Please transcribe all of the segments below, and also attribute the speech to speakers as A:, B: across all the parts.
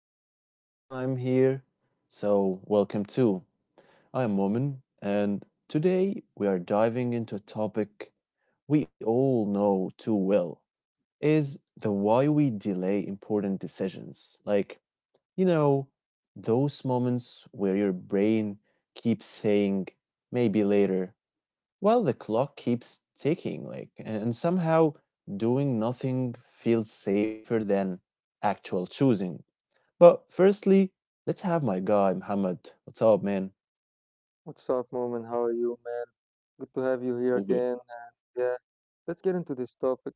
A: if it's your first time here, welcome too. I am Momin, and today we are diving into a topic we all know too well is the why we delay important decisions. You know, those moments where your brain keeps saying maybe later well, the clock keeps ticking, and somehow doing nothing feels safer than actual choosing. But firstly, let's have my guy, Muhammad. What's up, man?
B: What's up, Moment? How are you, man? Good to have you here
A: All good.
B: again. Yeah, let's get into this topic.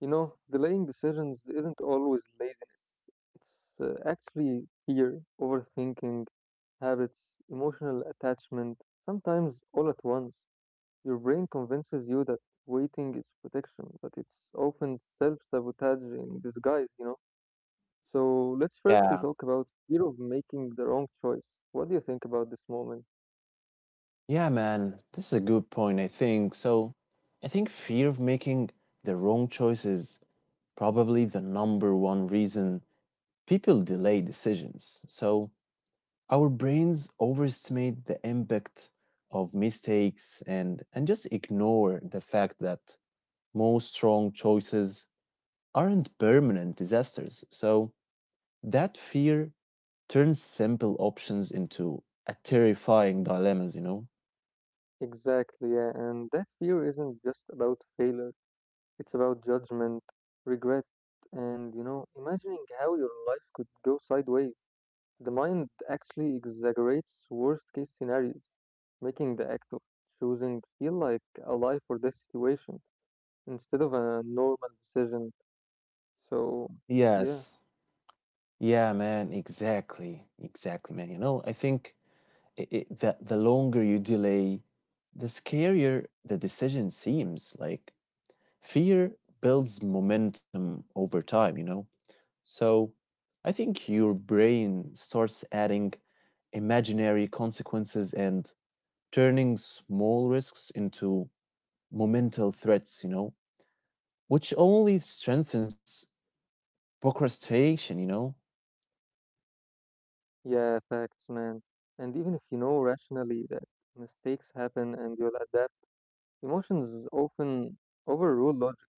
B: You know, delaying decisions isn't always laziness, it's actually fear, overthinking, habits, emotional attachment, sometimes all at once. Your brain convinces you that waiting is protection, but it's often self sabotage in disguise, you know? So let's
A: Yeah,
B: firstly talk about fear of making the wrong choice. What do you think about this moment?
A: yeah, man. This is a good point, I think. So, I think fear of making the wrong choice is probably the number one reason people delay decisions. So, our brains overestimate the impact of mistakes and just ignore the fact that most wrong choices aren't permanent disasters. So that fear turns simple options into a terrifying dilemmas, you know?
B: Exactly, yeah. And that fear isn't just about failure, it's about judgment, regret, and you know, imagining how your life could go sideways. The mind actually exaggerates worst case scenarios, making the act of choosing feel like a life or death situation instead of a normal decision. So, yeah,
A: Yes. Yeah, man, exactly. Exactly, man. You know, I think I it, that the longer you delay, the scarier the decision seems. Like fear builds momentum over time, you know? So I think your brain starts adding imaginary consequences and turning small risks into momental threats, you know, which only strengthens procrastination, you know?
B: yeah, facts, man. And even if you know rationally that mistakes happen and you'll adapt, emotions often overrule logic.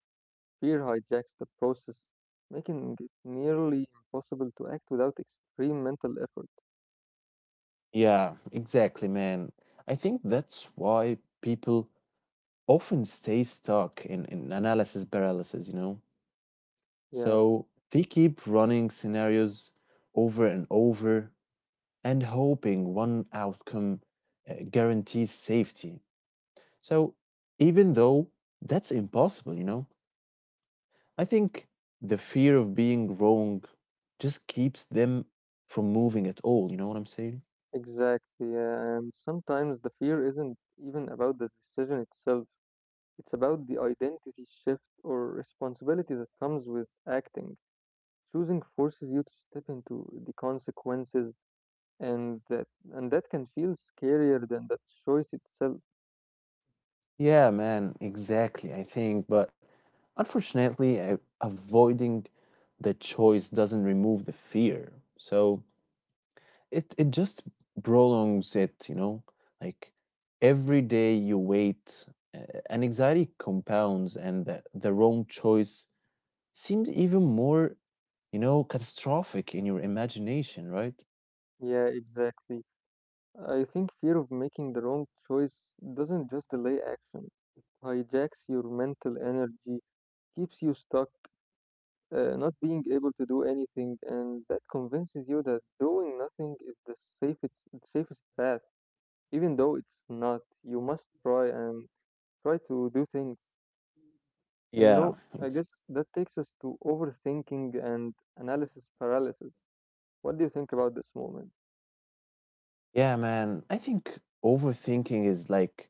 B: Fear hijacks the process, making it nearly impossible to act without extreme mental effort.
A: Yeah, exactly, man. I think that's why people often stay stuck in analysis paralysis, you know?
B: Yeah,
A: So they keep running scenarios over and over and hoping one outcome guarantees safety. So, even though that's impossible, you know, I think the fear of being wrong just keeps them from moving at all. You know what I'm saying?
B: exactly. Yeah. And sometimes the fear isn't even about the decision itself, it's about the identity shift or responsibility that comes with acting. Choosing forces you to step into the consequences, and that can feel scarier than the choice itself.
A: Yeah, man, exactly. I think, but unfortunately, avoiding the choice doesn't remove the fear. So, it just prolongs it, you know? Like every day you wait, and anxiety compounds and the wrong choice seems even more, you know, catastrophic in your imagination, right?
B: Yeah, exactly. I think fear of making the wrong choice doesn't just delay action, it hijacks your mental energy, keeps you stuck, not being able to do anything, and that convinces you that doing nothing is the safest path, even though it's not. You must try and try to do things. And you
A: Yeah.
B: know, I
A: It's,
B: guess that takes us to overthinking and analysis paralysis. What do you think about this moment?
A: yeah, man. I think overthinking is like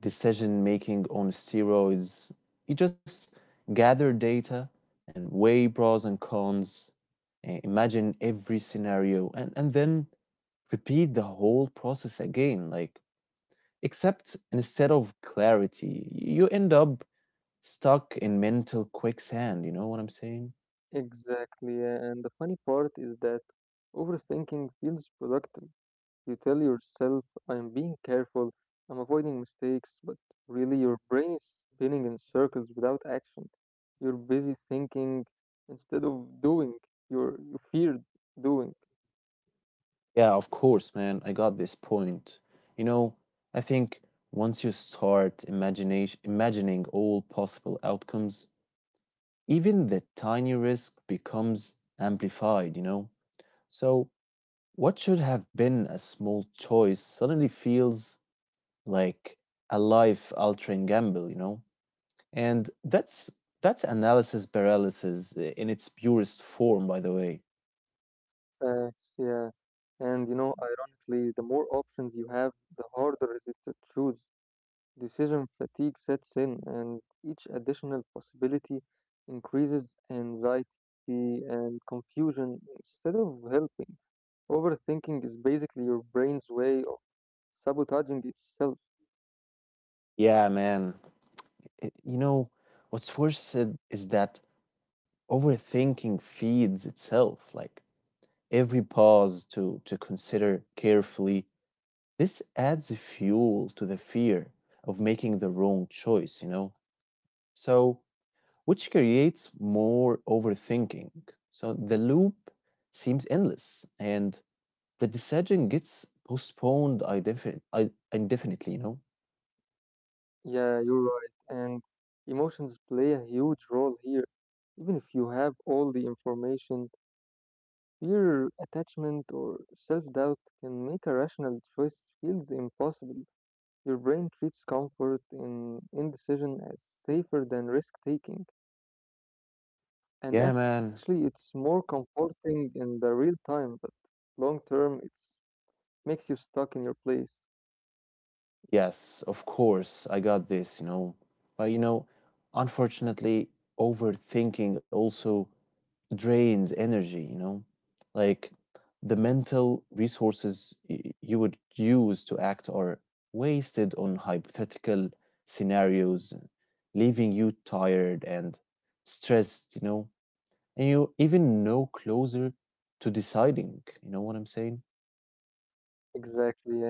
A: decision making on steroids. You just gather data and weigh pros and cons, imagine every scenario, and then repeat the whole process again, like except instead of clarity you end up stuck in mental quicksand. You know what I'm saying?
B: Exactly, yeah, and the funny part is that overthinking feels productive. You tell yourself, I'm being careful, I'm avoiding mistakes, but really your brain is spinning in circles without action. You're busy thinking instead of doing, you feared doing.
A: Yeah, of course, man. I got this point, you know. I think once you start imagination imagining all possible outcomes, even the tiny risk becomes amplified, you know? So what should have been a small choice suddenly feels like a life altering gamble, you know? And that's analysis paralysis in its purest form, by the way.
B: Facts, yeah. And you know, ironically, the more options you have, the harder is it to choose. Decision fatigue sets in, and each additional possibility increases anxiety and confusion instead of helping. Overthinking is basically your brain's way of sabotaging itself.
A: Yeah, man. You know, what's worse is that overthinking feeds itself. Like every pause to consider carefully, this adds fuel to the fear of making the wrong choice, you know? So, which creates more overthinking. So the loop seems endless and the decision gets postponed indefinitely, you know?
B: Yeah, you're right. And emotions play a huge role here. Even if you have all the information, fear, attachment, or self doubt can make a rational choice feels impossible. Your brain treats comfort in indecision as safer than risk taking.
A: Yeah,
B: And
A: man.
B: actually, it's more comforting in the real time, but long term, it makes you stuck in your place.
A: Yes, of course. I got this, you know. But, you know, unfortunately, overthinking also drains energy, you know? Like the mental resources you would use to act are wasted on hypothetical scenarios, leaving you tired and stressed, you know, and you even no closer to deciding. You know what I'm saying?
B: Exactly, yeah. And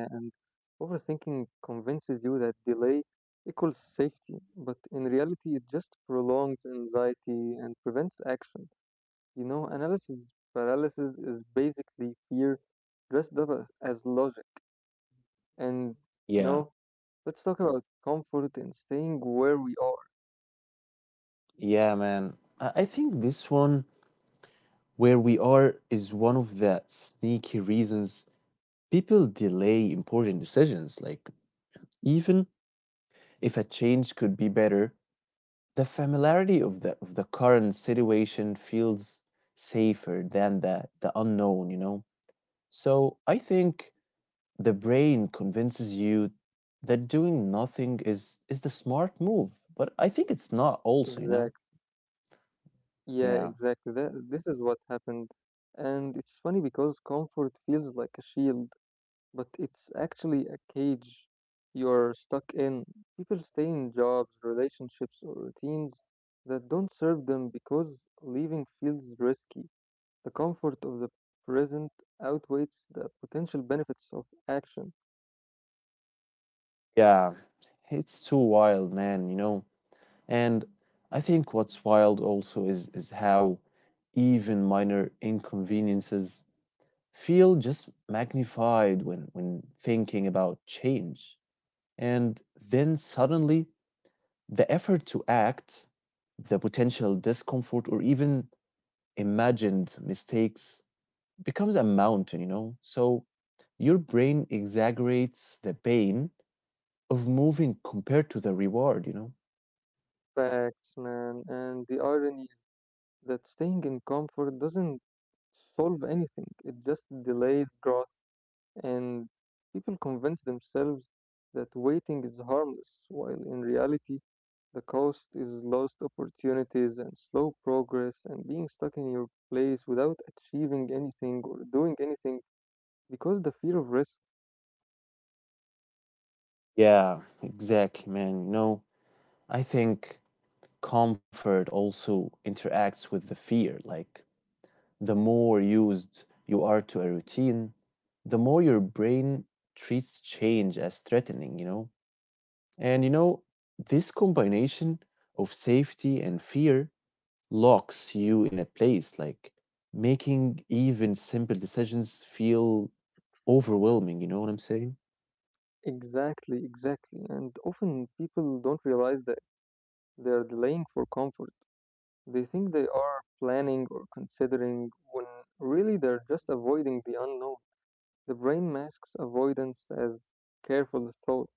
B: overthinking convinces you that delay equals safety, but in reality, it just prolongs anxiety and prevents action. You know, analysis paralysis is basically fear dressed up as logic. And
A: yeah
B: no, let's talk about comfort and staying where we are.
A: yeah man, I think this one where we are is one of the sneaky reasons people delay important decisions, like even if a change could be better, the familiarity of the current situation feels safer than the unknown, you know? So I think the brain convinces you that doing nothing is the smart move, but I think it's not also, you know?
B: Exact. Yeah,
A: Yeah.
B: exactly. That, this is what happened. And it's funny because comfort feels like a shield, but it's actually a cage you're stuck in. People stay in jobs, relationships, or routines that don't serve them because leaving feels risky. The comfort of the present outweighs the potential benefits of action.
A: Yeah. It's too wild, man, you know? And I think what's wild also is how even minor inconveniences feel just magnified when thinking about change, and then suddenly the effort to act, the potential discomfort, or even imagined mistakes becomes a mountain, you know? So your brain exaggerates the pain of moving compared to the reward, you know?
B: Facts, man. And the irony that staying in comfort doesn't solve anything, it just delays growth, and people convince themselves that waiting is harmless, while in reality, the cost is lost opportunities and slow progress, and being stuck in your place without achieving anything or doing anything because the fear of risk.
A: Yeah, exactly, man. You know, I think comfort also interacts with the fear. Like the more used you are to a routine, the more your brain treats change as threatening, you know? And you know, this combination of safety and fear locks you in a place, like making even simple decisions feel overwhelming. You know what I'm saying?
B: Exactly, exactly. And often people don't realize that they are delaying for comfort. They think they are planning or considering when really they're just avoiding the unknown. The brain masks avoidance as careful thought.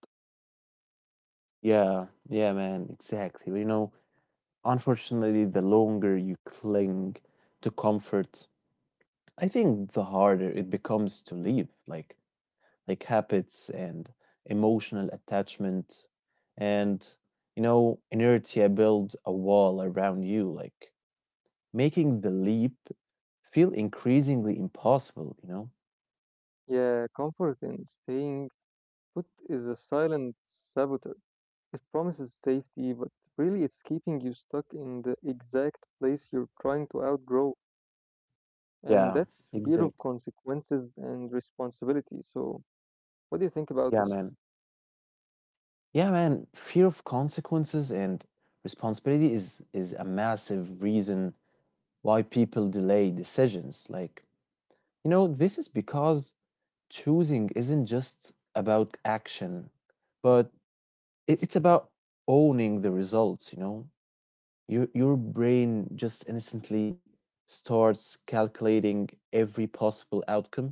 A: Yeah, man, exactly. But, you know, unfortunately, the longer you cling to comfort, I think the harder it becomes to leave. Like habits and emotional attachment and you know inertia build a wall around you, like making the leap feel increasingly impossible, you know?
B: Yeah, comfort in staying put is a silent saboteur. It promises safety, but really it's keeping you stuck in the exact place you're trying to outgrow. And
A: Yeah.
B: that's fear of
A: Exactly.
B: consequences and responsibility. So, what do you think about this?
A: yeah man yeah, man. Fear of consequences and responsibility is a massive reason why people delay decisions. Like, you know, this is because choosing isn't just about action, but it's about owning the results, you know? Your brain just instantly starts calculating every possible outcome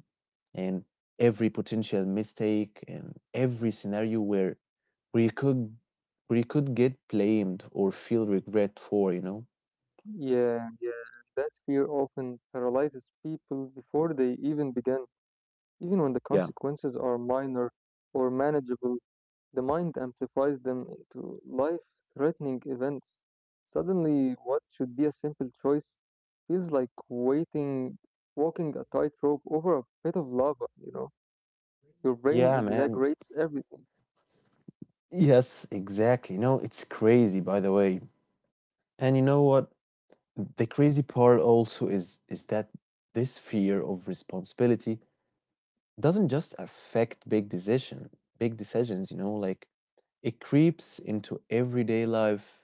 A: and every potential mistake and every scenario where where you could where you could get blamed or feel regret for, you know?
B: Yeah, that fear often paralyzes people before they even begin. Even when the
A: yeah
B: consequences are minor or manageable, the mind amplifies them into life threatening events. Suddenly, what should be a simple choice feels like waiting, walking a tightrope over a bit of lava, you know? Your brain
A: yeah man.
B: exaggerates everything.
A: Yes, exactly. No, it's crazy, by the way. And you know what, the crazy part also is that this fear of responsibility doesn't just affect big decisions, you know? Like it creeps into everyday life.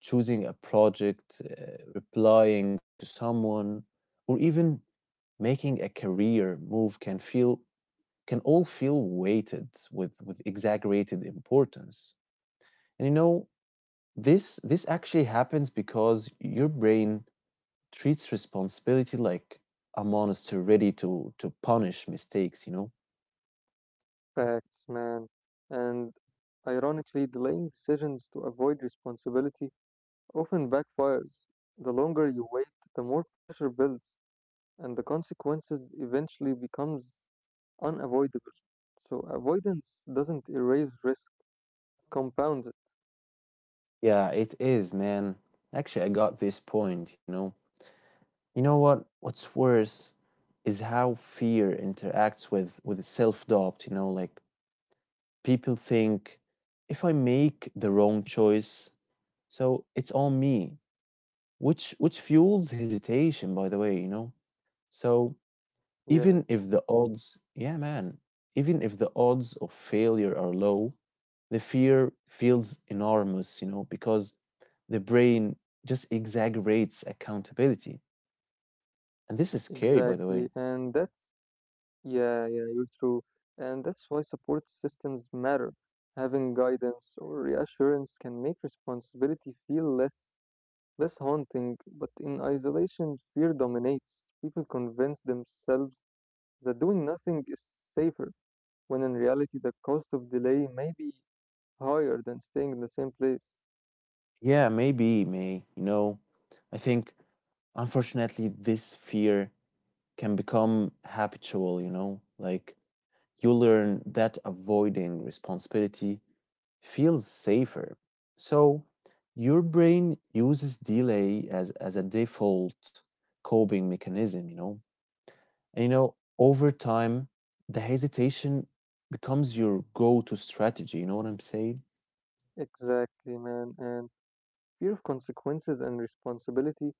A: Choosing a project, replying to someone, or even making a career move can feel, can all feel weighted with exaggerated importance. And you know, this actually happens because your brain treats responsibility like a monster ready to punish mistakes, you know?
B: Facts, man. And ironically, delaying decisions to avoid responsibility often backfires. The longer you wait, the more pressure builds, and the consequences eventually becomes unavoidable. So avoidance doesn't erase risk, it compounds it.
A: Yeah, it is, man. Actually, I got this point, you know. You know what? What's worse is how fear interacts with self-doubt, you know? Like people think, if I make the wrong choice, so it's on me, which fuels hesitation, by the way, you know. So
B: Yeah,
A: even if the odds, yeah, man, even if the odds of failure are low, the fear feels enormous, you know, because the brain just exaggerates accountability. And this is scary, by the
B: exactly.
A: way.
B: And that's, yeah, yeah, you're true. And that's why support systems matter. Having guidance or reassurance can make responsibility feel less haunting, but in isolation, fear dominates. People convince themselves that doing nothing is safer, when in reality the cost of delay may be higher than staying in the same place.
A: Yeah, you know, I think unfortunately this fear can become habitual, you know? Like you learn that avoiding responsibility feels safer. So your brain uses delay as a default coping mechanism, you know? And you know, over time, the hesitation becomes your go to strategy. You know what I'm saying?
B: Exactly, man. And fear of consequences and responsibility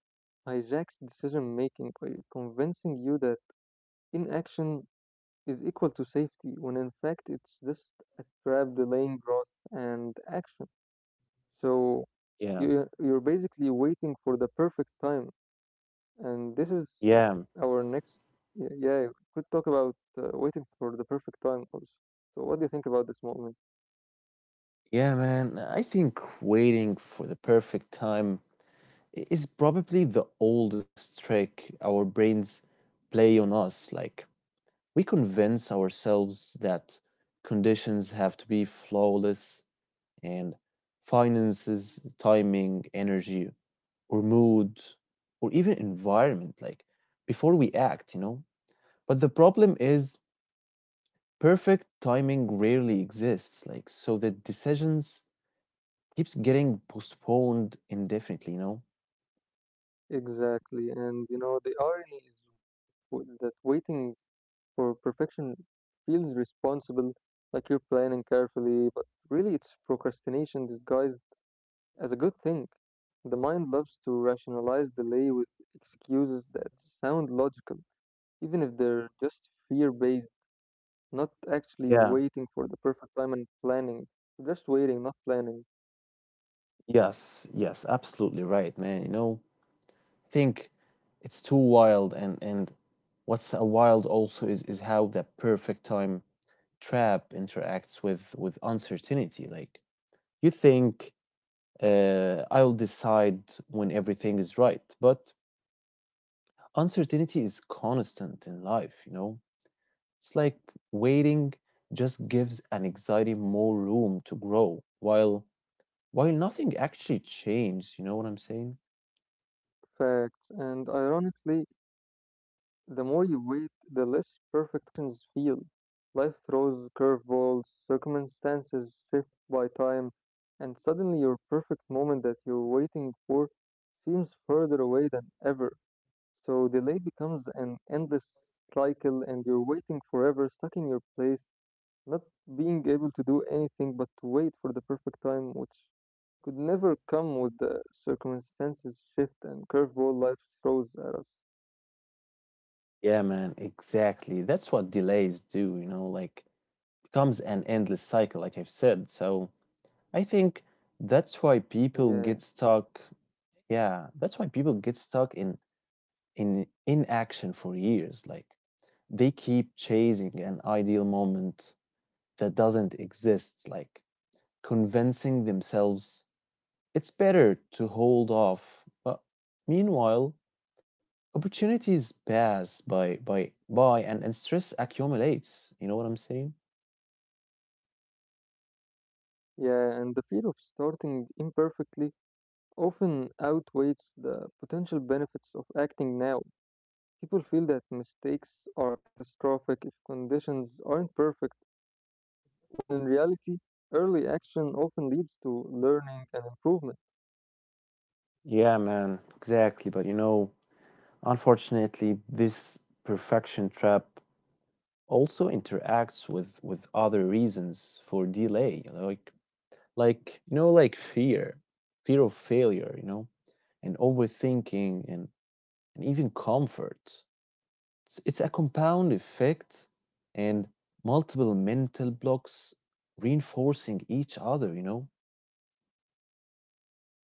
B: hijacks decision making by convincing you that inaction is equal to safety, when in fact it's just a trap delaying growth and action. So
A: Yeah.
B: you're basically waiting for the perfect time, and this is
A: Yeah.
B: our next. Yeah, yeah, we could talk about waiting for the perfect time also. So what do you think about this moment?
A: Yeah, man. I think waiting for the perfect time is probably the oldest trick our brains play on us. Like, we convince ourselves that conditions have to be flawless, and finances, timing, energy, or mood, or even environment, like before we act, you know? But the problem is perfect timing rarely exists, like so the decisions keeps getting postponed indefinitely, you know?
B: Exactly. And you know, the irony is that waiting for perfection feels responsible, like you're planning carefully, but really it's procrastination disguised as a good thing. The mind loves to rationalize delay with excuses that sound logical, even if they're just fear-based, not actually
A: Yeah,
B: waiting for the perfect time and planning, just waiting, not planning.
A: yes, absolutely right, man, you know? Think it's too wild, and what's a wild also is how the perfect time trap interacts with uncertainty. Like you think, I'll decide when everything is right, but uncertainty is constant in life, you know? It's like waiting just gives an anxiety more room to grow while nothing actually changed. You know what I'm saying?
B: Facts. And ironically, the more you wait, the less perfect actions feel. Life throws curveballs, circumstances shift by time, and suddenly your perfect moment that you're waiting for seems further away than ever. So delay becomes an endless cycle, and you're waiting forever, stuck in your place, not being able to do anything but to wait for the perfect time, which could never come with the circumstances shift and curveball life throws at us.
A: Yeah, man, exactly. That's what delays do, you know? Like becomes an endless cycle, like I've said. So I think
B: Yeah.
A: that's why people get stuck. Yeah, that's why people get stuck in inaction for years. Like they keep chasing an ideal moment that doesn't exist, like convincing themselves it's better to hold off. But meanwhile, opportunities pass by and stress accumulates. You know what I'm saying?
B: Yeah, and the fear of starting imperfectly often outweighs the potential benefits of acting now. People feel that mistakes are catastrophic if conditions aren't perfect, when in reality, early action often leads to learning and improvement.
A: Yeah, man, exactly. But you know, unfortunately, this perfection trap also interacts with other reasons for delay. Like you know, like fear of failure, you know, and overthinking and even comfort. It's a compound effect and multiple mental blocks reinforcing each other, you know?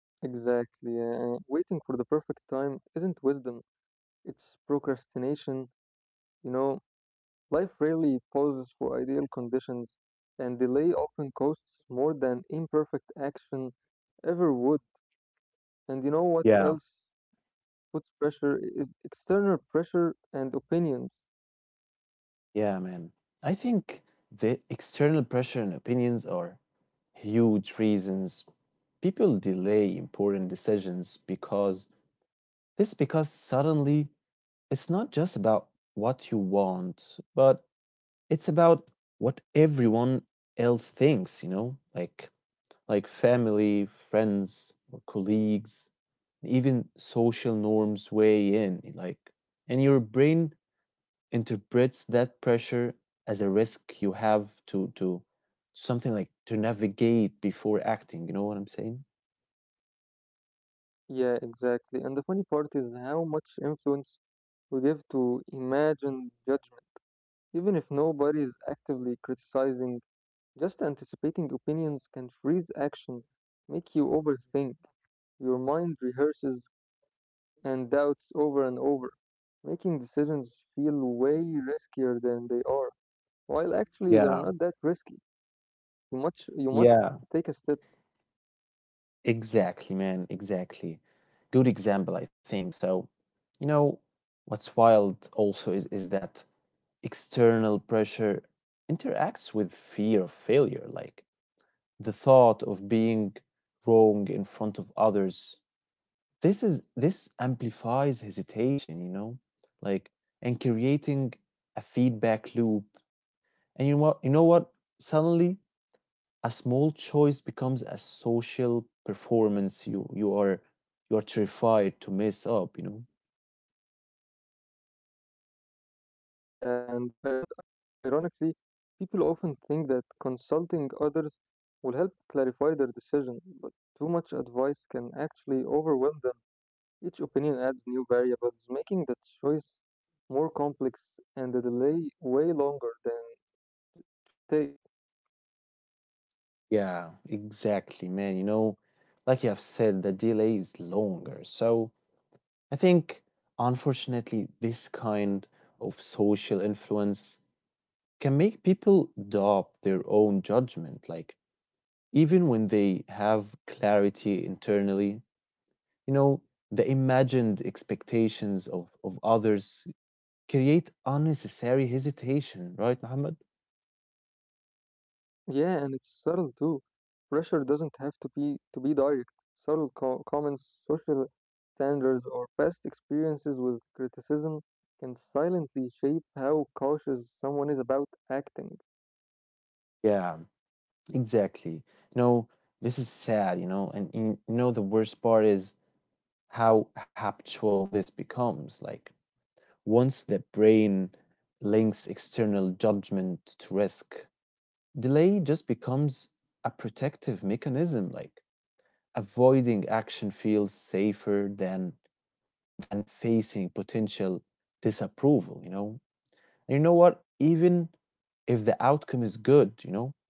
B: Exactly, and waiting for the perfect time isn't wisdom, it's procrastination. You know, life rarely pauses for ideal conditions, and delay often costs more than imperfect action ever would. And you know what
A: Yeah.
B: else puts pressure is external pressure and opinions.
A: Yeah, man, I think the external pressure and opinions are huge reasons people delay important decisions because This is because suddenly it's not just about what you want, but it's about what everyone else thinks, you know? Like family, friends, or colleagues, even social norms weigh in, like, and your brain interprets that pressure as a risk you have to something like to navigate before acting. You know what I'm saying?
B: Yeah, exactly. And the funny part is how much influence we give to imagined judgment. Even if nobody is actively criticizing, just anticipating opinions can freeze action, make you overthink. Your mind rehearses and doubts over and over, making decisions feel way riskier than they are, while actually they're
A: Yeah.
B: not that risky. You must
A: Yeah.
B: take a step.
A: Exactly, man. Exactly. Good example, I think. So, you know, what's wild also is that external pressure interacts with fear of failure, like the thought of being wrong in front of others. This amplifies hesitation, you know, like, and creating a feedback loop. And you know what, you know what? Suddenly a small choice becomes a social performance you are terrified to mess up, you know.
B: Yeah, and ironically, people often think that consulting others will help clarify their decision, but too much advice can actually overwhelm them. Each opinion adds new variables, making the choice more complex and the delay way longer than it, it should take.
A: Yeah, exactly, man. You know, like you have said, the delay is longer. So I think, unfortunately, this kind of social influence can make people doubt their own judgment. Like, even when they have clarity internally, you know, the imagined expectations of others create unnecessary hesitation, right, Muhammad?
B: Yeah, and it's subtle too. Pressure doesn't have to be direct. Subtle comments, social standards, or past experiences with criticism can silently shape how cautious someone is about acting.
A: Yeah, exactly. You know, this is sad, you know, the worst part is how habitual this becomes. Like, once the brain links external judgment to risk, delay just becomes a protective mechanism. Like, avoiding action feels safer than facing potential disapproval, you know? You know what? Even if the outcome is good, you know?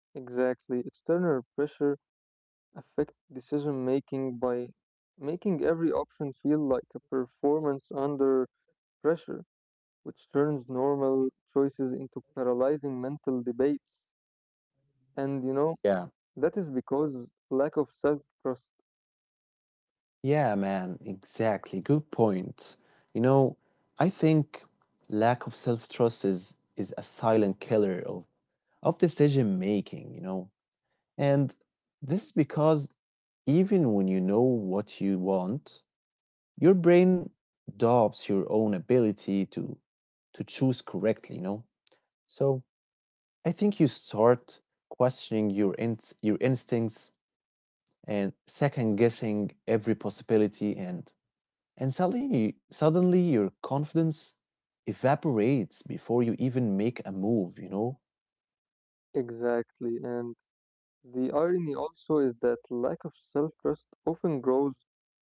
B: Exactly. External pressure affects decision making by making every option feel like a performance under pressure, which turns normal choices into paralyzing mental debates. And you know,
A: Yeah.
B: that is because lack of self trust.
A: Yeah, man, exactly. Good point. You know, I think lack of self-trust is a silent killer of decision making, you know. And this is because even when you know what you want, your brain doubts your own ability to choose correctly, you know. So, I think you start questioning your in, your instincts and second guessing every possibility and suddenly your confidence evaporates before you even make a move, you know.
B: Exactly. And the irony also is that lack of self trust often grows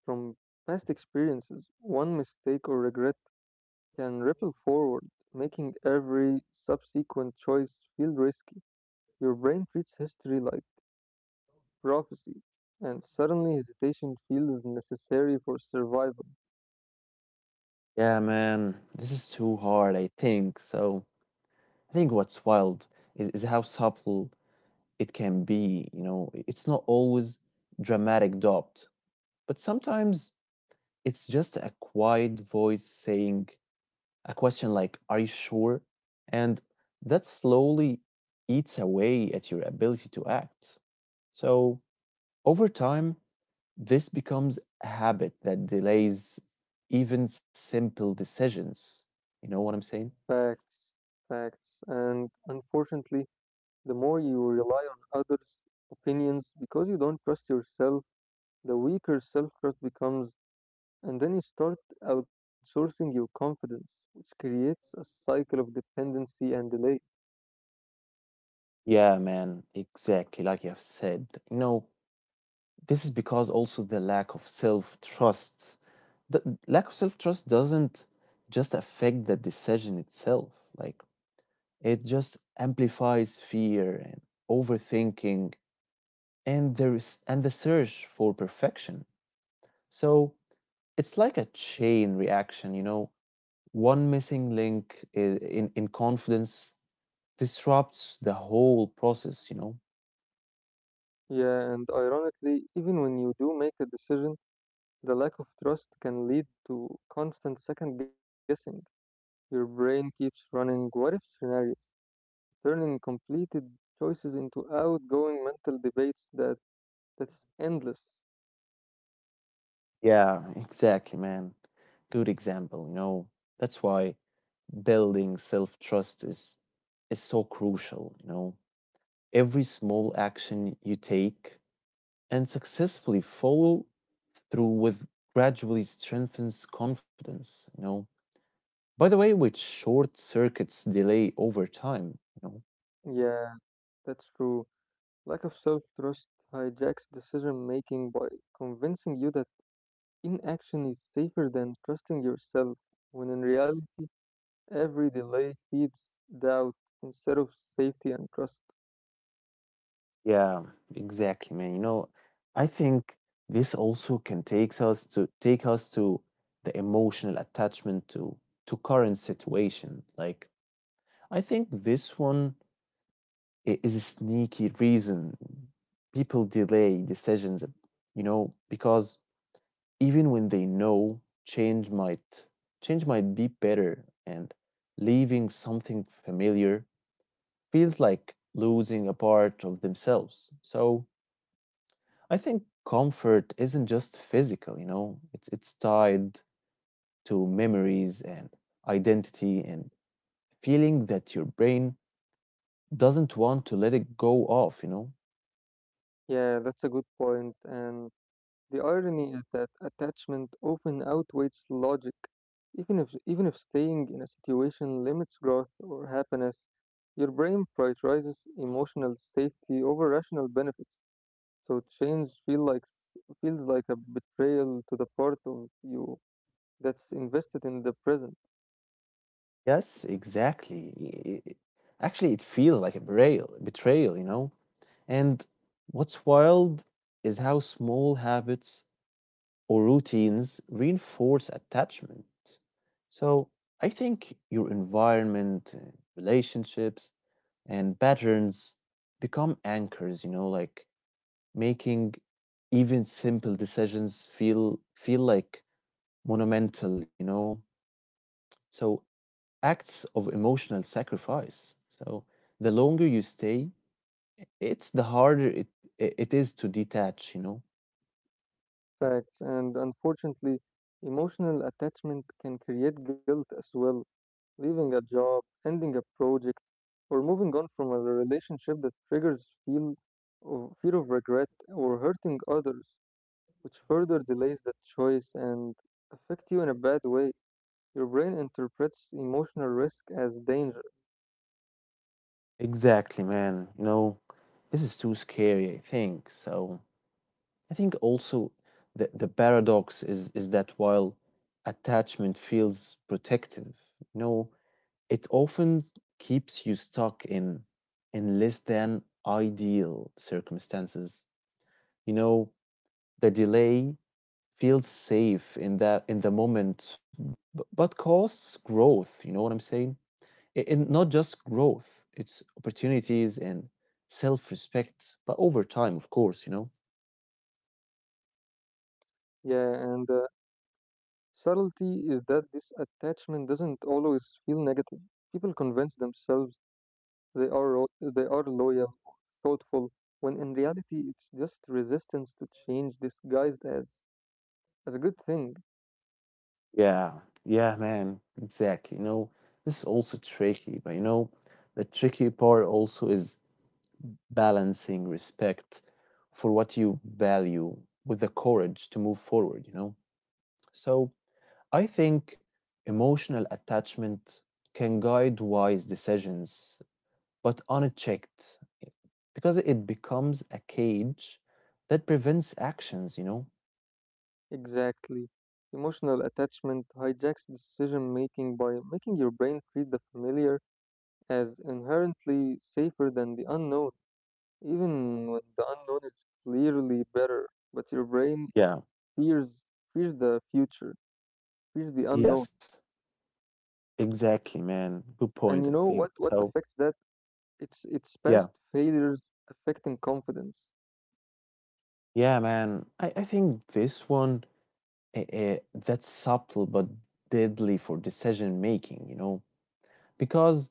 B: from past experiences. One mistake or regret can ripple forward, making every subsequent choice feel risky. Your brain treats history like prophecy, and suddenly hesitation feels necessary for survival.
A: Yeah, man, this is too hard, I think. So I think what's wild is how subtle it can be, you know. It's not always dramatic doubt, but sometimes it's just a quiet voice saying a question like, "Are you sure?" And that slowly eats away at your ability to act. So, over time, this becomes a habit that delays even simple decisions. You know what I'm saying?
B: Facts, facts. And unfortunately, the more you rely on others' opinions because you don't trust yourself, the weaker self trust becomes, and then you start outsourcing your confidence, which creates a cycle of dependency and delay.
A: Yeah, man, exactly, like you have said. You know, this is because also the lack of self trust. The lack of self trust doesn't just affect the decision itself. Like, it just amplifies fear and overthinking and the search for perfection. So it's like a chain reaction, you know. One missing link in confidence disrupts the whole process, you know.
B: Yeah, and ironically, even when you do make a decision, the lack of trust can lead to constant second guessing. Your brain keeps running what if scenarios, turning completed choices into outgoing mental debates that's endless.
A: Yeah, exactly, man. Good example, you know. That's why building self-trust is so crucial, you know. Every small action you take and successfully follow through with gradually strengthens confidence, you know. By the way, which short circuits delay over time, you know.
B: Yeah, that's true. Lack of self trust hijacks decision making by convincing you that inaction is safer than trusting yourself, when in reality, every delay feeds doubt instead of safety and trust.
A: Yeah, exactly, man. You know, I think this also can take us to the emotional attachment to current situation. Like, I think this one is a sneaky reason people delay decisions, you know, because even when they know change might change might be better and leaving something familiar feels like losing a part of themselves. So I think comfort isn't just physical, you know. It's tied to memories and identity and feeling that your brain doesn't want to let it go off, you know.
B: Yeah, that's a good point, and the irony is that attachment often outweighs logic. Even if staying in a situation limits growth or happiness, your brain prioritizes emotional safety over rational benefits. So change feels like a betrayal to the part of you that's invested in the present
A: Yes, exactly. Actually it feels like a betrayal, you know. And what's wild is how small habits or routines reinforce attachment. So I think your environment, relationships, and patterns become anchors, you know, like making even simple decisions feel like monumental, you know. So, acts of emotional sacrifice. So the longer you stay, it's the harder it is to detach, you know.
B: facts. And unfortunately, emotional attachment can create guilt as well. Leaving a job, ending a project, or moving on from a relationship that triggers feel of fear of regret or hurting others, which further delays the choice and affect you in a bad way. Your brain interprets emotional risk as danger.
A: Exactly, man. You know, this is too scary, I think. So I think also the paradox is that while attachment feels protective, you know, it often keeps you stuck in less than ideal circumstances. You know, the delay feel safe in the moment, but cause growth. You know what I'm saying? And not just growth; it's opportunities and self-respect. But over time, of course, you know.
B: Yeah, and subtlety is that this attachment doesn't always feel negative. People convince themselves they are loyal, thoughtful, when in reality it's just resistance to change disguised as a good thing.
A: Yeah, yeah, man, exactly. You know, this is also tricky, but you know, the tricky part also is balancing respect for what you value with the courage to move forward. You know, so I think emotional attachment can guide wise decisions, but unchecked, because it becomes a cage that prevents actions, you know?
B: Exactly. Emotional attachment hijacks decision making by making your brain treat the familiar as inherently safer than the unknown, even when the unknown is clearly better. But your brain
A: Yeah,
B: fears fears the future. Fears the unknown.
A: yes, exactly, man. Good
B: And you
A: point, I
B: know
A: think.
B: what
A: So,
B: affects that? It's
A: yeah,
B: past failures affecting confidence.
A: yeah, man. I think this one, that's subtle but deadly for decision making, you know? Because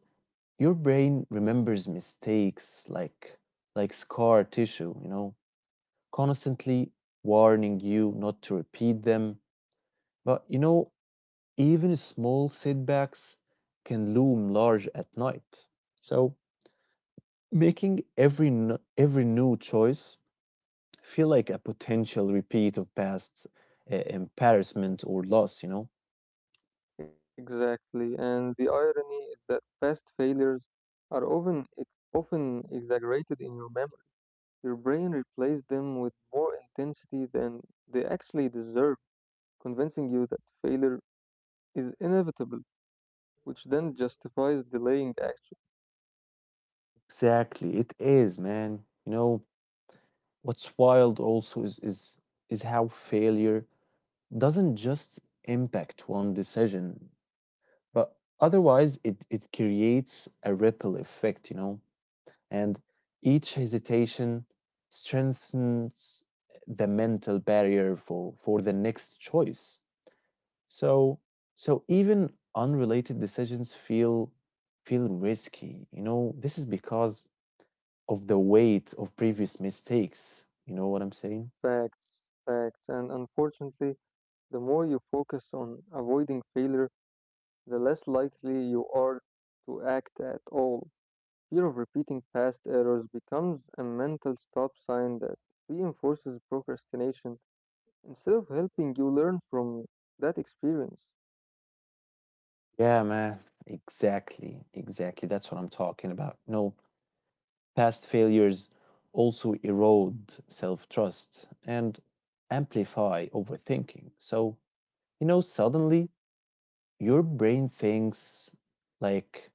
A: your brain remembers mistakes like scar tissue, you know? Constantly warning you not to repeat them. But you know, even small setbacks can loom large at night. So, making every new choice feel like a potential repeat of past embarrassment or loss, you know?
B: Exactly. And the irony is that past failures are often exaggerated in your memory. Your brain replays them with more intensity than they actually deserve, convincing you that failure is inevitable, which then justifies delaying action.
A: Exactly. It is, man. You know, what's wild also is how failure doesn't just impact one decision. But otherwise, it creates a ripple effect, you know, and each hesitation strengthens the mental barrier for the next choice. So, so even unrelated decisions feel risky. You know, this is because of the weight of previous mistakes. You know what I'm saying?
B: Facts, and unfortunately, the more you focus on avoiding failure, the less likely you are to act at all. Fear of repeating past errors becomes a mental stop sign that reinforces procrastination instead of helping you learn from that experience.
A: Yeah, man. Exactly. Exactly. That's what I'm talking about. No, past failures also erode self trust and amplify overthinking. So, you know, suddenly your brain thinks like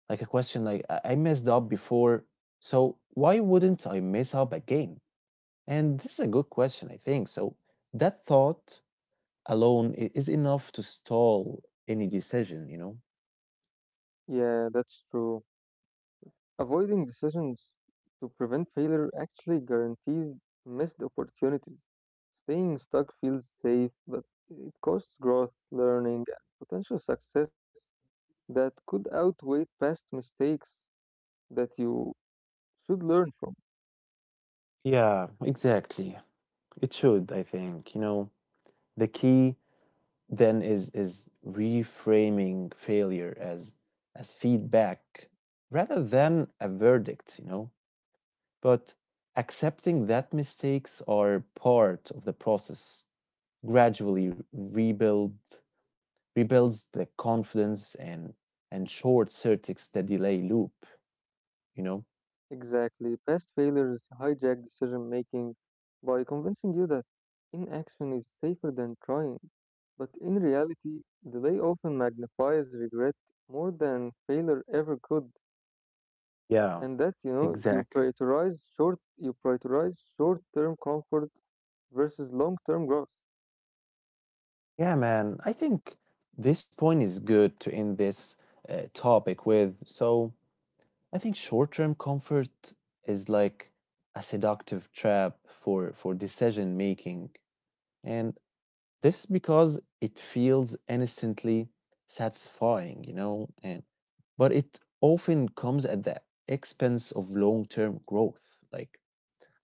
A: a question like, I messed up before, so why wouldn't I mess up again?" And this is a good question, I think. So that thought alone is enough to stall any decision, you know?
B: Yeah, that's true. Avoiding decisions to prevent failure actually guarantees missed opportunities. Staying stuck feels safe, but it costs growth, learning, and potential success that could outweigh past mistakes that you should learn from.
A: Yeah, exactly. It should, I think. You know, the key then is reframing failure as feedback rather than a verdict, you know. But accepting that mistakes are part of the process gradually rebuild rebuilds the confidence and short circuits the delay loop, you know.
B: Exactly. Past failures hijack decision making by convincing you that inaction is safer than trying. But in reality, delay often magnifies regret more than failure ever could.
A: Yeah,
B: And that, you know, you
A: exactly.
B: prioritize short you prioritize short term comfort versus long term growth.
A: Yeah, man. I think this point is good to end this topic with. So I think short-term comfort is like a seductive trap for decision making, and this is because it feels innocently satisfying, you know, and but it often comes at the expense of long-term growth. Like,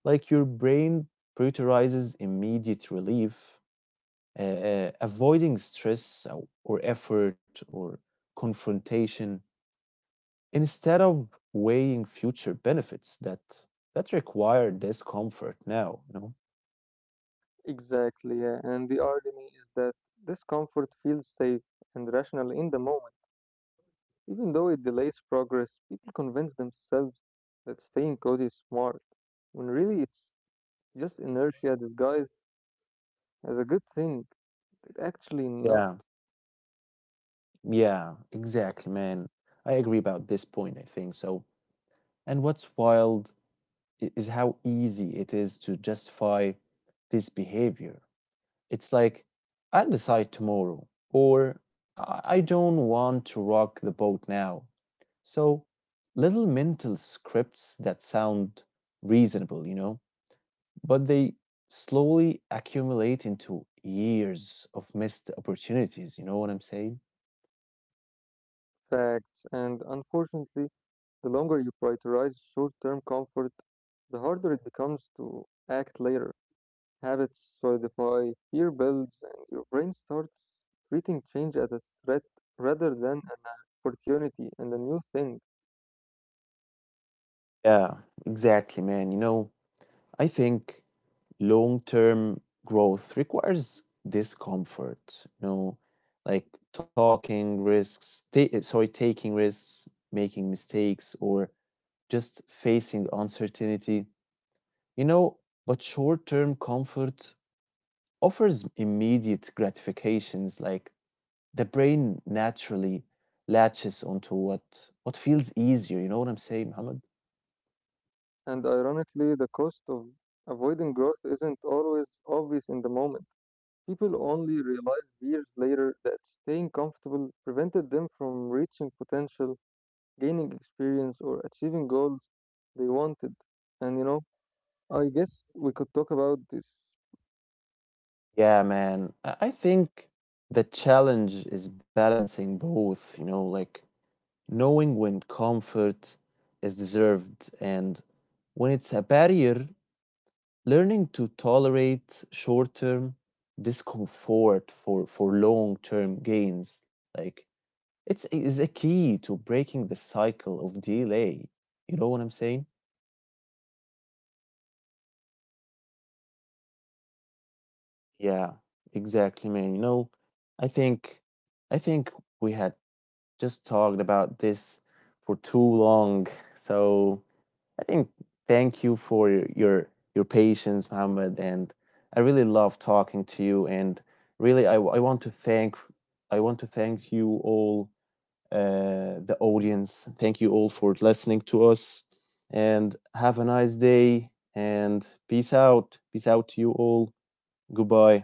A: your brain prioritizes immediate relief, avoiding stress, or effort or confrontation instead of weighing future benefits that require discomfort now, you know.
B: Exactly, yeah. And the irony is that this comfort feels safe and rational in the moment. Even though it delays progress, people convince themselves that staying cozy is smart, when really it's just inertia disguised as a good thing. It's actually not
A: Yeah, yeah, exactly, man. I agree about this point, I think. So, and what's wild is how easy it is to justify this behavior. It's like, "I'll decide tomorrow," or "I don't want to rock the boat now." So little mental scripts that sound reasonable, you know, but they slowly accumulate into years of missed opportunities. You know what I'm saying?
B: facts, and unfortunately, the longer you prioritize short term comfort, the harder it becomes to act later. Habits solidify fear builds, and your brain starts treating change as a threat rather than an opportunity and a new thing.
A: Yeah, exactly, man. You know, I think long term growth requires discomfort, you know, like talking risks, ta- sorry, taking risks, making mistakes, or just facing uncertainty, you know. But short term comfort offers immediate gratifications. Like, the brain naturally latches onto what feels easier, you know what I'm saying, Muhammad?
B: And ironically, the cost of avoiding growth isn't always obvious in the moment. People only realize years later that staying comfortable prevented them from reaching potential, gaining experience, or achieving goals they wanted. And you know, I guess we could talk about this
A: Yeah, man, I think the challenge is balancing both, you know, like knowing when comfort is deserved and when it's a barrier. Learning to tolerate short-term discomfort for long-term gains, like, it's is a key to breaking the cycle of delay. You know what I'm saying? Yeah, exactly, man. You know, I think I think we had just talked about this for too long. So I think thank you for your your patience, Mohammed, and I really love talking to you and really I want to thank I want to thank you all, the audience. Thank you all for listening to us and have a nice day and peace out. Peace out to you all. Goodbye.